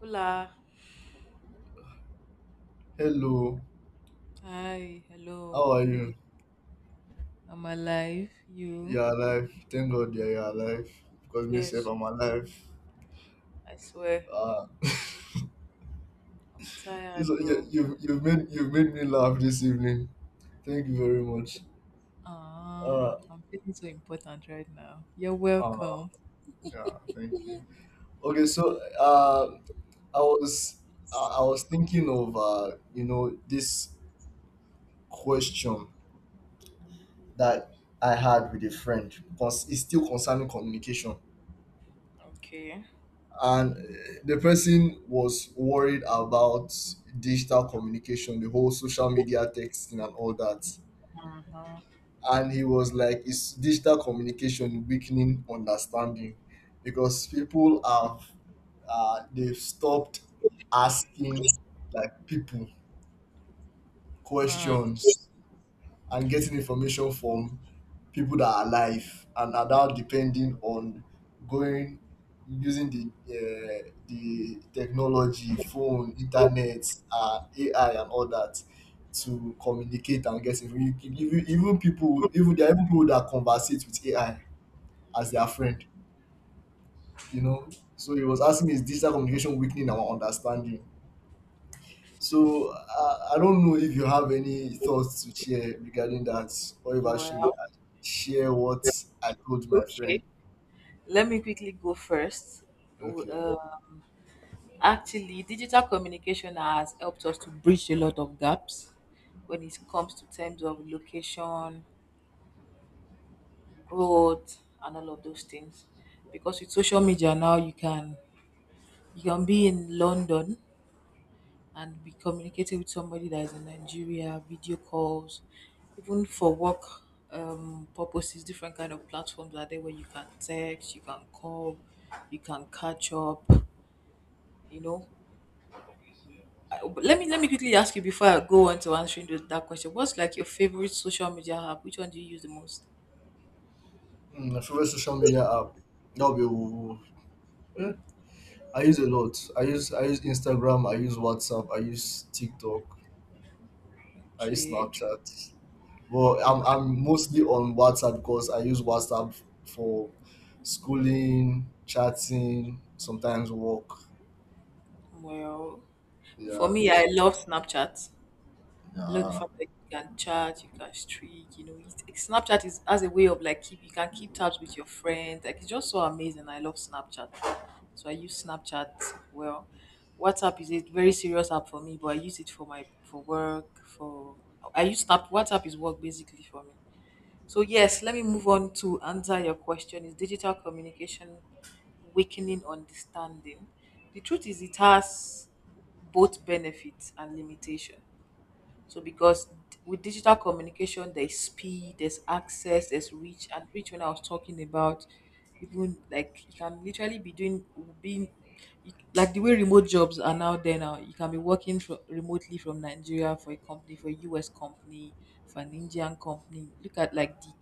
Hola. Hello, Hi, how are hello, good you? evening. I'm alive. You? You're alive. Thank God you're alive. Because myself, Yes, I'm alive. I swear. Ah, I'm this tired, one- you, bro. you you've made me laugh this evening. Thank you very much. Ah, Uh, I'm feeling so important right now. You're uh welcome. yeah, thank you. Okay, I was I was thinking of you know this question that I had with a friend because it's still concerning communication. Okay. And the person was worried about digital communication, the whole social media, texting and all that. Uh-huh. And he was like, is digital communication weakening understanding? Because people have they've stopped asking, like, people Mm. questions and getting information from people that are alive, and are now depending on going using the technology, phone, internet, AI, and all that to communicate and get information. Even, even people, even there are even people that conversate with AI as their friend, you know. So he was asking me, is digital communication weakening our understanding? So I don't know if you have any thoughts to share regarding that, or if I should Well, share what I told my friend. okay. Let me quickly go first. Okay. Uh, Actually, digital communication has helped us to bridge a lot of gaps when it comes to terms of location, growth and all of those things. Because with social media now you can be in London and be communicating with somebody that is in Nigeria, video calls, even for work purposes, different kind of platforms are there where you can text, you can call, you can catch up, you know. But Let me quickly ask you before I go on to answering those, that question. What's like your favorite social media app? Which one do you use the most? Mm, my favorite social media app. That'll be. Woohoo. eh, I use a lot. I use Instagram. I use WhatsApp. I use TikTok. I use Okay. Snapchat. But I'm mostly on WhatsApp, because I use WhatsApp for schooling, chatting, sometimes work. Well, for Yeah, me, I so, love Snapchat. I love the yeah. fact that you can chat, you can streak, you know. It, Snapchat is as a way of like keep you can keep tabs with your friends. Like it's just so amazing. I love Snapchat. So I use Snapchat well. WhatsApp is a very serious app for me, but I use it for my for work, for I use Snap WhatsApp is work basically for me. So yes, let me move on to answer your question. Is digital communication weakening understanding? The truth is it has both benefits and limitation. So because with digital communication, there's speed, there's access, there's reach, and reach when I was talking about, even like you can literally be doing being like the way remote jobs are now there now you can be working remotely from Nigeria for a company, for a US company, for an Indian company. Look at like the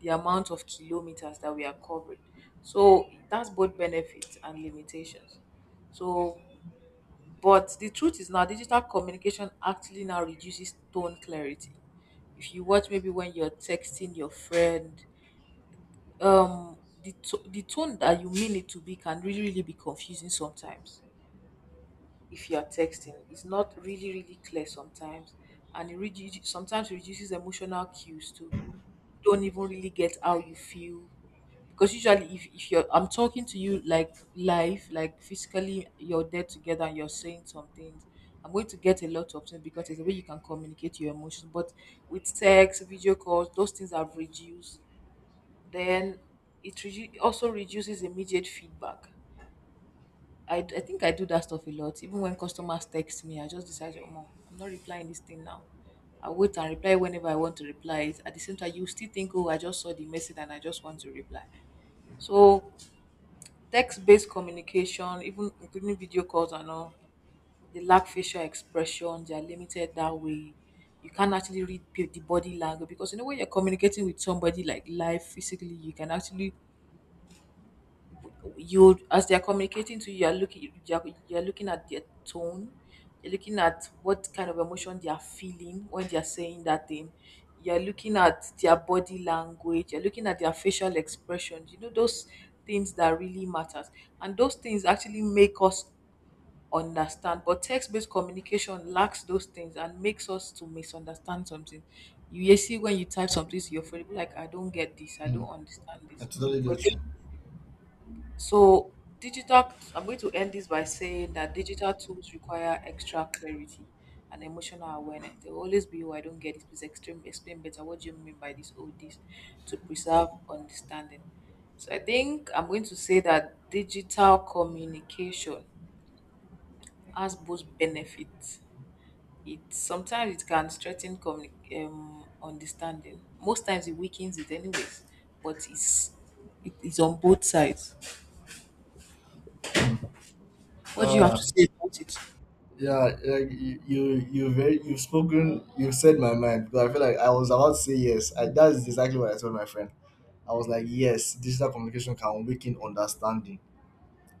the amount of kilometers that we are covering. So that's both benefits and limitations. So but the truth is now digital communication actually now reduces tone clarity. If you watch maybe when you're texting your friend, the, the tone that you mean it to be can really, really be confusing sometimes. If you're texting, it's not really, really clear sometimes. And it reduces, sometimes it reduces emotional cues too. You don't even really get how you feel because usually if you're I'm talking to you like live, like physically you're there together and you're saying some things, I'm going to get a lot of things because it's a way you can communicate your emotions. But with text, video calls, those things have reduced. Then it also reduces immediate feedback. I think I do that stuff a lot. Even when customers text me, I just decide, oh no, I'm not replying this thing now. I wait and reply whenever I want to reply it. At the same time, you still think, oh, I just saw the message and I just want to reply. So text-based communication, even including video calls and all, they lack facial expression. They are limited that way. You can't actually read the body language because you know when you're communicating with somebody like live physically, you can actually you as they're communicating to you you're looking at their tone, you're looking at what kind of emotion they are feeling when they're saying that thing, you're looking at their body language, you're looking at their facial expressions, you know, those things that really matters. And those things actually make us understand, but text-based communication lacks those things and makes us to misunderstand something. You see when you type something to your friend you're like, I don't get this, I Mm, don't understand I this. totally get you. So digital, I'm going to end this by saying that digital tools require extra clarity and emotional awareness. There will always be, oh, I don't get this." Please extreme, explain better. What do you mean by this or this? To preserve understanding. So I think I'm going to say that digital communication has both benefits. It sometimes it can strengthen understanding. Most times it weakens it anyways, but it's it is on both sides. Hmm. What do you have to Uh, say about it? yeah, you've spoken, you've said my mind. But I feel like I was about to say yes. I, that is exactly what I told my friend. I was like, yes, digital communication can weaken understanding.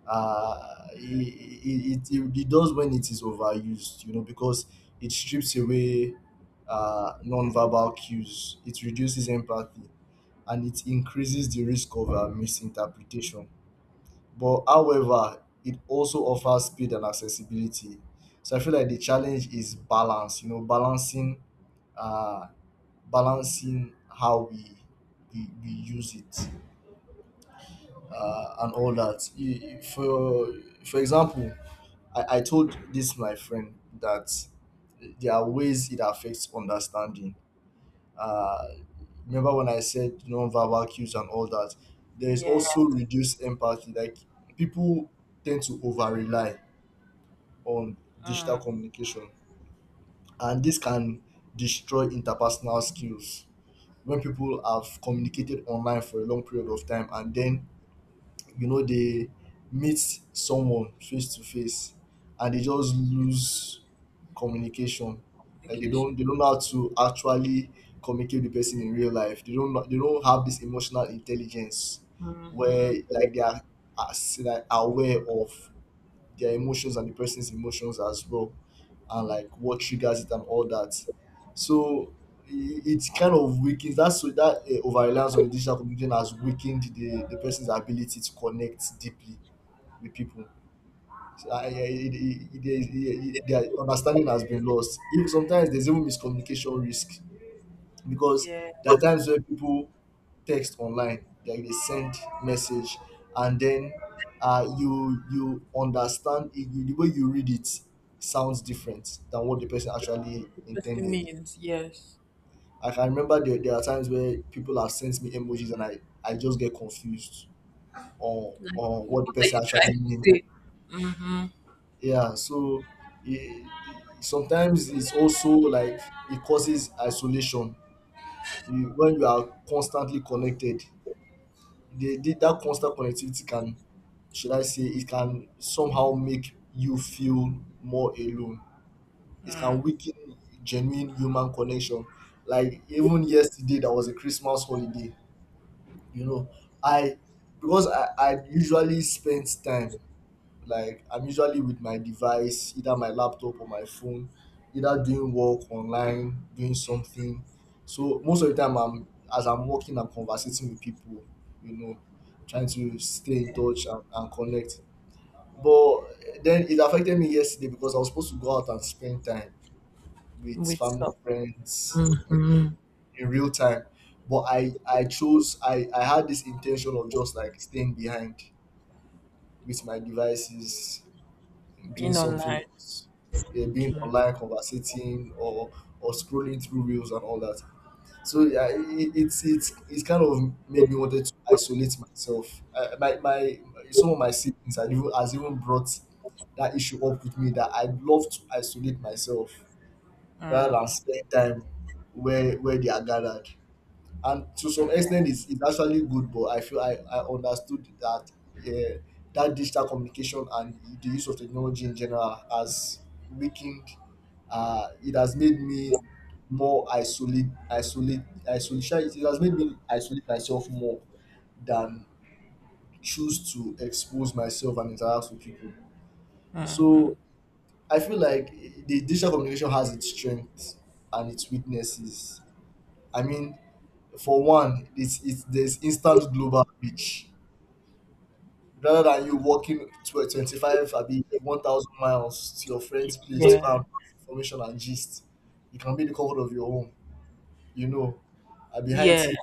It does when it is overused, you know, because it strips away non-verbal cues. It reduces empathy, and it increases the risk of misinterpretation. But however, it also offers speed and accessibility. So I feel like the challenge is balance, you know, uh balancing how we use it, and all that. For example, I told this my friend that there are ways it affects understanding. Uh, remember when I said non-verbal cues and all that? There is Yeah. also reduced empathy. Like, people tend to over rely on digital Ah, communication, and this can destroy interpersonal skills. When people have communicated online for a long period of time, and then, you know, they meet someone face to face, and they just lose communication, like they vacation. don't they don't know how to actually communicate with the person in real life. They don't have this emotional intelligence where, like, they are like aware of their emotions and the person's emotions as well, and like what triggers it and all that. So, it kind of weakens that's so that over reliance on the digital communication has weakened the person's ability to connect deeply with people. So, their understanding has been lost. If sometimes there's even miscommunication risk, because Yeah. there are times where people text online, like they send message, and then you understand it, you, the way you read it sounds different than what the person actually The person intended. means yes. Like, I can remember, there are times where people have sent me emojis and I just get confused Like, on what what the are you person actually trying to means. say Yeah, so it, sometimes it's also like, it causes isolation. You, when you are constantly connected, that constant connectivity can, should I say, it can somehow make you feel more alone. It can weaken genuine human connection. Like, even yesterday, that was a Christmas holiday. You know, I, because I usually spend time, like, I'm usually with my device, either my laptop or my phone, either doing work online, doing something. So most of the time, I'm as I'm working, I'm conversating with people, you know, trying to stay in touch and connect. But then it affected me yesterday, because I was supposed to go out and spend time with with family, friends in, in real time. But I chose I had this intention of just like staying behind with my devices, doing being something online? else, yeah, being online, conversating, or scrolling through reels and all that. So yeah, it, it's kind of made me wanted to isolate myself. I, my some of my siblings have even brought that issue up with me, that I love to isolate myself rather Mm. than spend time where they are gathered. And to some extent it's actually good, but I feel I understood that, yeah, that digital communication and the use of technology in general has weakened, it has made me more isolate isolate isolation, it has made me isolate myself more than choose to expose myself and interact with people. So I feel like the digital communication has its strengths and its weaknesses. I mean, for one, it's there's instant global reach. Rather than you walking to 25, abi 1,000 miles to your friend's place to go Yeah. and pass information and gist, you can be in the comfort of your home, you know, and behind Yeah. TV,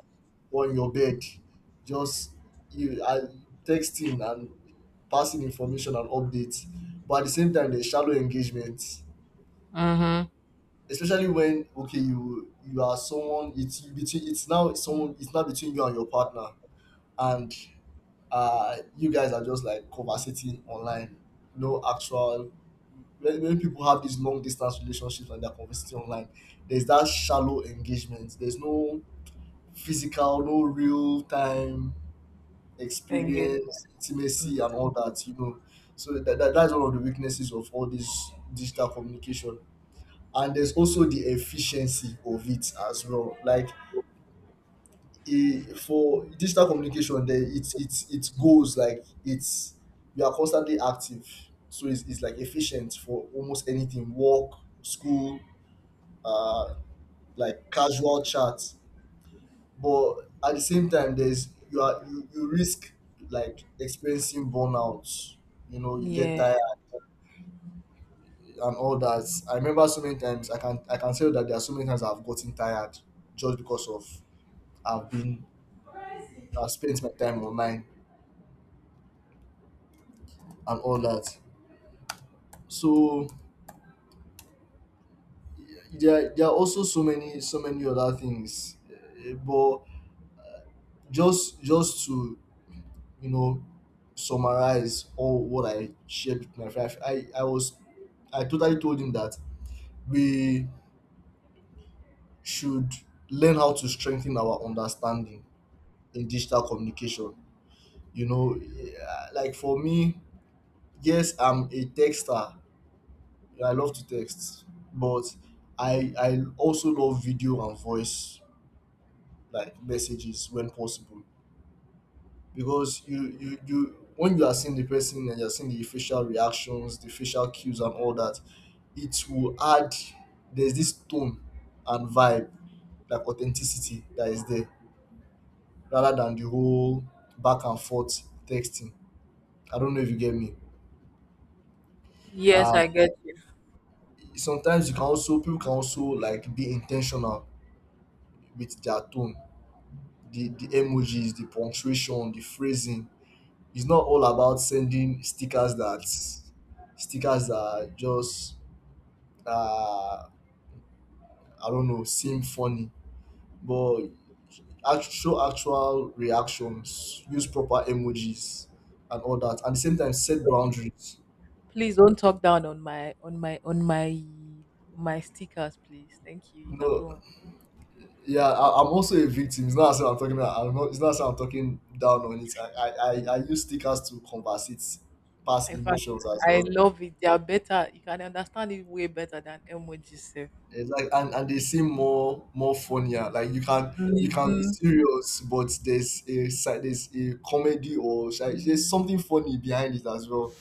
or in your bed, just, you are texting and passing information and updates. But at the same time, there's shallow engagement, Mm-hmm. especially when, okay, you are someone it's you between it's now someone it's now between you and your partner, and you guys are just like conversating online, no actual. When people have these long distance relationships and they're conversating online, there's that shallow engagement. There's no physical, no real time Engagement. experience, intimacy, and all that. You know, so that's one of the weaknesses of all this digital communication. And there's also the efficiency of it as well. Like, e for digital communication, there it goes, like, it's, you are constantly active. So it's like efficient for almost anything, work, school, uh like casual chats. But at the same time, there's, you are you risk like experiencing burnout, you know, you get Yeah. tired and all that. I remember so many times, I can tell that there are so many times I've gotten tired just because of, i've been I've spent my time online and all that. So there are also so many, so many other things, eh, but just to, you know, summarize all what I shared with my friend, I totally told him that we should learn how to strengthen our understanding in digital communication. You know, yeah, like for me, yes, I'm a texter. I love to text, but I also love video and voice, like, messages when possible, because you when you are seeing the person and you're seeing the facial reactions, the facial cues and all that, it will add, there's this tone and vibe, like, authenticity that is there, rather than the whole back and forth texting. I don't know if you get me. Yes, uh I get you. sometimes you can also, people can also, like, be intentional with their tone, the emojis, the punctuation, the phrasing. It's not all about sending stickers that just, uh, I don't know, seem funny, but show actual reactions, use proper emojis and all that. At the same time, set boundaries. Please don't talk down on my stickers, please. Thank you. You can No, go on. yeah, I, I'm also a victim. It's not as if I'm talking. I'm not. It's not as if I'm talking down on it. I use stickers to converse it past In fact, emotions as I well. love it. They are better. You can understand it way better than emojis. Sef. Exactly, and they seem more funnier. Like, you can, you can be Mhm. serious, but there's a side, there's a comedy, or shall I say something funny behind it as well.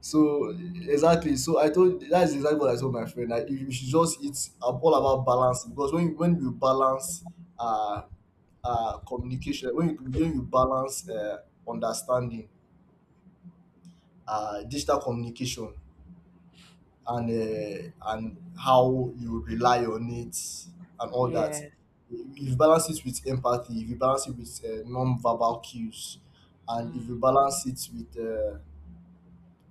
So exactly, so I told, that's exactly what I told my friend. Like, you should just, it's all about balance, because when you balance, uh communication, when you balance understanding, digital communication and how you rely on it and all that. Yes. If you balance it with empathy, if you balance it with non-verbal cues, and if you Mm. balance it with uh,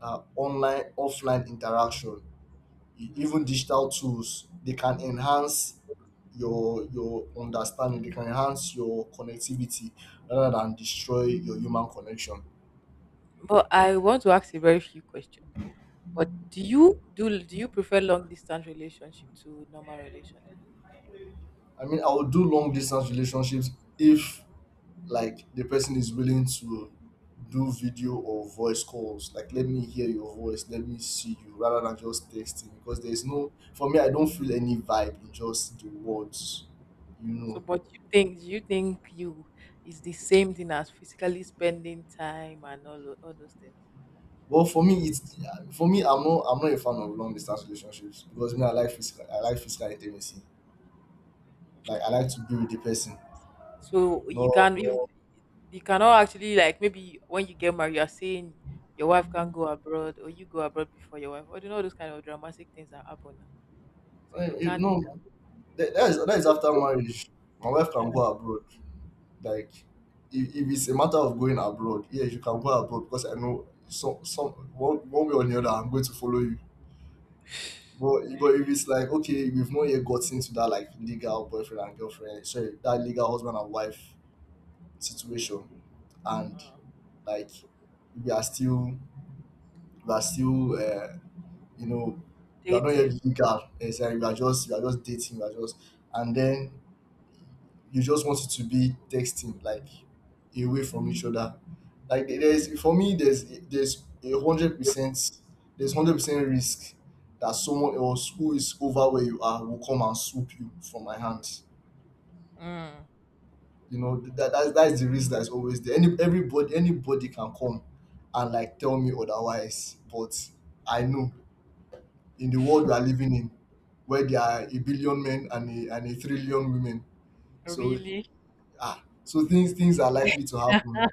uh, online offline interaction, even Mm. digital tools, they can enhance your understanding. They can enhance your connectivity rather than destroy your human connection. But I want to ask a very few questions. But do you do do you prefer long distance relationship to normal relationship? I mean, I would do long distance relationships if, like, the person is willing to do video or voice calls. Like, let me hear your voice, let me see you, rather than just texting. Because there is no, for me, I don't feel any vibe in just the words, you So, know. but you think, do you think you is the same thing as physically spending time and all those things? But for me, it's, for me, I'm not a fan of long distance relationships, because me, I like I like physical intimacy. Like, I like Okay. to be with the person. So you No, can you Yeah. You cannot actually like maybe when you get married, you're saying your wife can't go abroad or you go abroad before your wife. Or you know those kind of dramatic things that happen now. So you can't no, that is after marriage. My wife can go abroad. like if it's a matter of going abroad, yes, you can go abroad, because I know some one way or the other I'm going to follow you. But if it's like, okay, we've not yet gotten to that, like, legal boyfriend and girlfriend, sorry, that legal husband and wife situation, and, like, we are still we are still you know we are not dating. yet legal. It's like we are just dating. We are just and then You just want it to be texting, like, away from each other, like, there's, for me, there's 100%, there's 100% risk that someone else who is over where you are will come and swoop you from my hands, Mm, you know. That's the risk that's always there. Everybody, anybody can come and, like, tell me otherwise, but I know, in the world we are living in, where there are a billion men and a trillion women, so, really? ah, so things are likely to happen.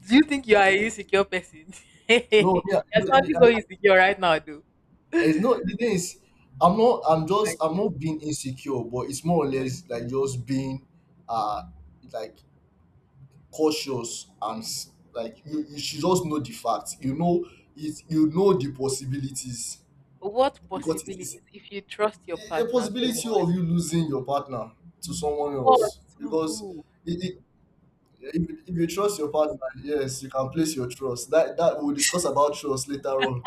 Do you think you are a insecure person? No, You're yeah, no, sounding no, so insecure right now, though. It's not, the My thing is, I'm just, I'm not being insecure, but it's more or God. less like just being uh like cautious and like, you should just know the facts. You know it, you know the possibilities. What Because it is possibilities if you trust your a partner so possibility much? of you losing your partner to someone What else. to Because who? it, it, if you trust your partner, yes, you can place your trust. That we'll discuss about trust later on,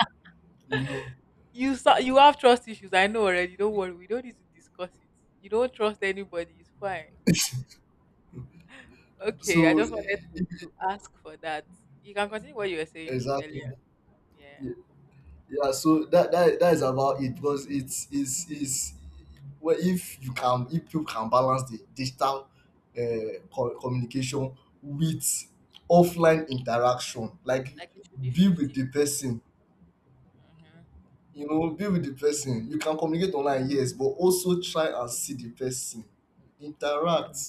you know. You have trust issues. I know already. Don't worry. We don't need to discuss it. You don't trust anybody. It's fine. Okay. I So just wanted to ask for that. You can continue what you were saying exactly. earlier. Yeah. Ye- Yeah. So that is about it, because it's, well, if you can, if people can balance the digital communication with offline interaction, like, Like it should be be with 50. the person, Hmm you know, be with the person. You can communicate online, yes, but also try and see the person, interact. hmm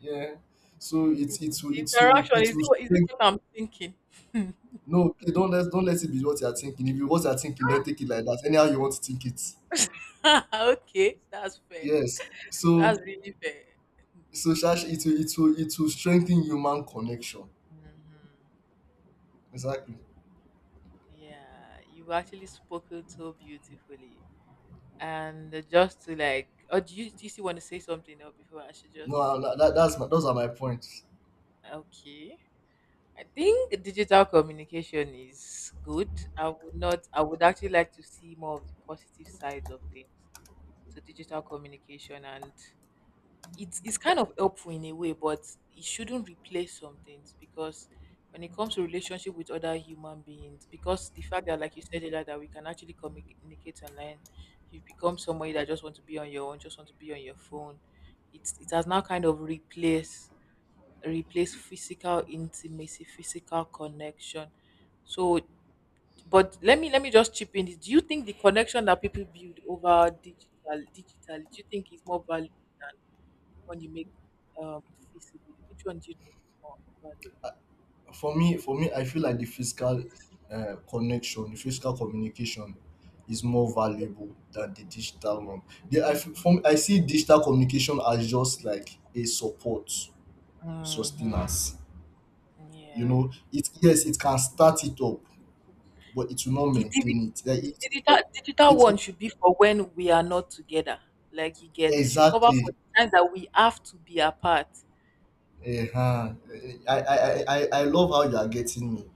Yeah. So it's it will it will Interaction. it Is it, will is it what I'm thinking? No, please, don't let it be what you are thinking. If you, what you are thinking, then take it like that. Anyhow you want to think it. Okay, that's fair. Yes. That's So, really fair. so sha it will it will it will strengthen human connection. Hmm Exactly. Yeah, you have actually spoken so beautifully. And just to like, oh, do do you still want to say something now before I should No, just? That that's my those are my points. Okay. I think digital communication is good. I would not, I would actually like to see more of the positive sides of things. So digital communication and it's kind of helpful in a way, but it shouldn't replace some things because when it comes to relationship with other human beings, because the fact that like you said earlier that we can actually communicate online, you've become somebody that just want to be on your own, just want to be on your phone. It's it has now kind of replace physical intimacy, physical connection. So but let me just chip in this. Do you think the connection that people build over digitally, do you think is more valuable? One you make um, physically, which one do you think is more For me, I feel like the physical connection, the physical communication, is more valuable than the digital one. The, I f- from I see digital communication as just like a support, valuable? Mm-hmm. sustenance. You Yeah. know, it yes, it can start it up, but it will not The, digi- maintain it. The digital, digital it, one it should be for when we are not together. Like you get, it should cover for exactly. the time that we have to be apart. Uh-huh. I love how you are getting me.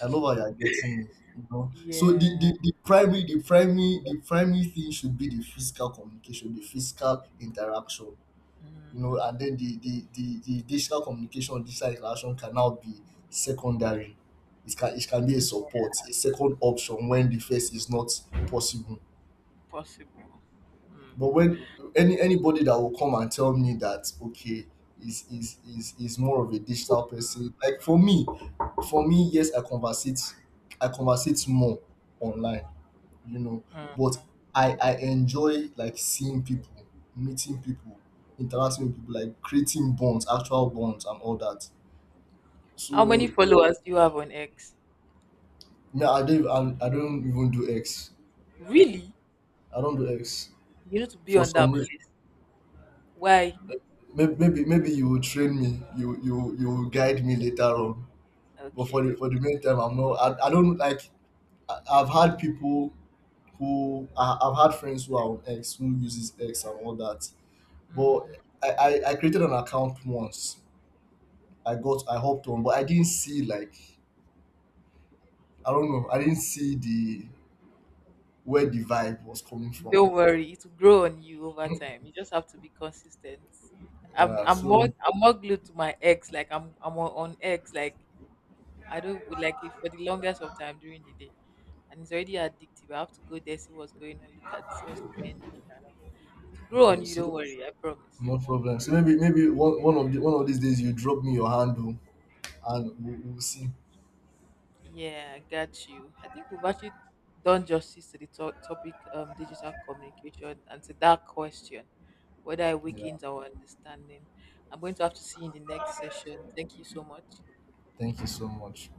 I love how you are getting me. You know, so Yeah, the primary thing should be the physical communication, the physical interaction. You know, mm-hmm. and then the digital communication, digital interaction can now be secondary. It can, it can be a support, a second option when the first is not possible. Possible. Mm. But when anybody that will come and tell me that, okay, is more of a digital person, like, for me, yes, I conversate more online, you know, Mm. but I enjoy, like, seeing people, meeting people, interacting with people, like, creating bonds, actual bonds, and all that. How So many followers do you have on X? no, I don't even do X. Really? I don't do X You need to be for on some that reason. place. Why? Maybe maybe you will train me, you will guide me later on. But for the, Okay, for the meantime, I'm not. I don't like. I've had people who, I've had friends who are on X, who uses X and all that. But I created an account once. I hopped on, but I didn't see, like, I don't know. I didn't see the where the vibe was coming from. don't worry, it will grow on you over time. You just have to be consistent. Yeah. So I'm more glued to my ex. Like I'm on X. Like I don't like it for the longest of time during the day, and it's already addictive. I have to go there see what's going on, look at what's trendy. And all. It will grow on okay. you. Don't So worry, I promise. no problem. So maybe one of the, one of these days you drop me your handle and we'll see. Yeah, I got you. I think we've actually done justice to the topic digital communication and to that question whether it Yeah. weakens our understanding. I'm going to have to see you in the next session. Thank you so much. Thank you so much.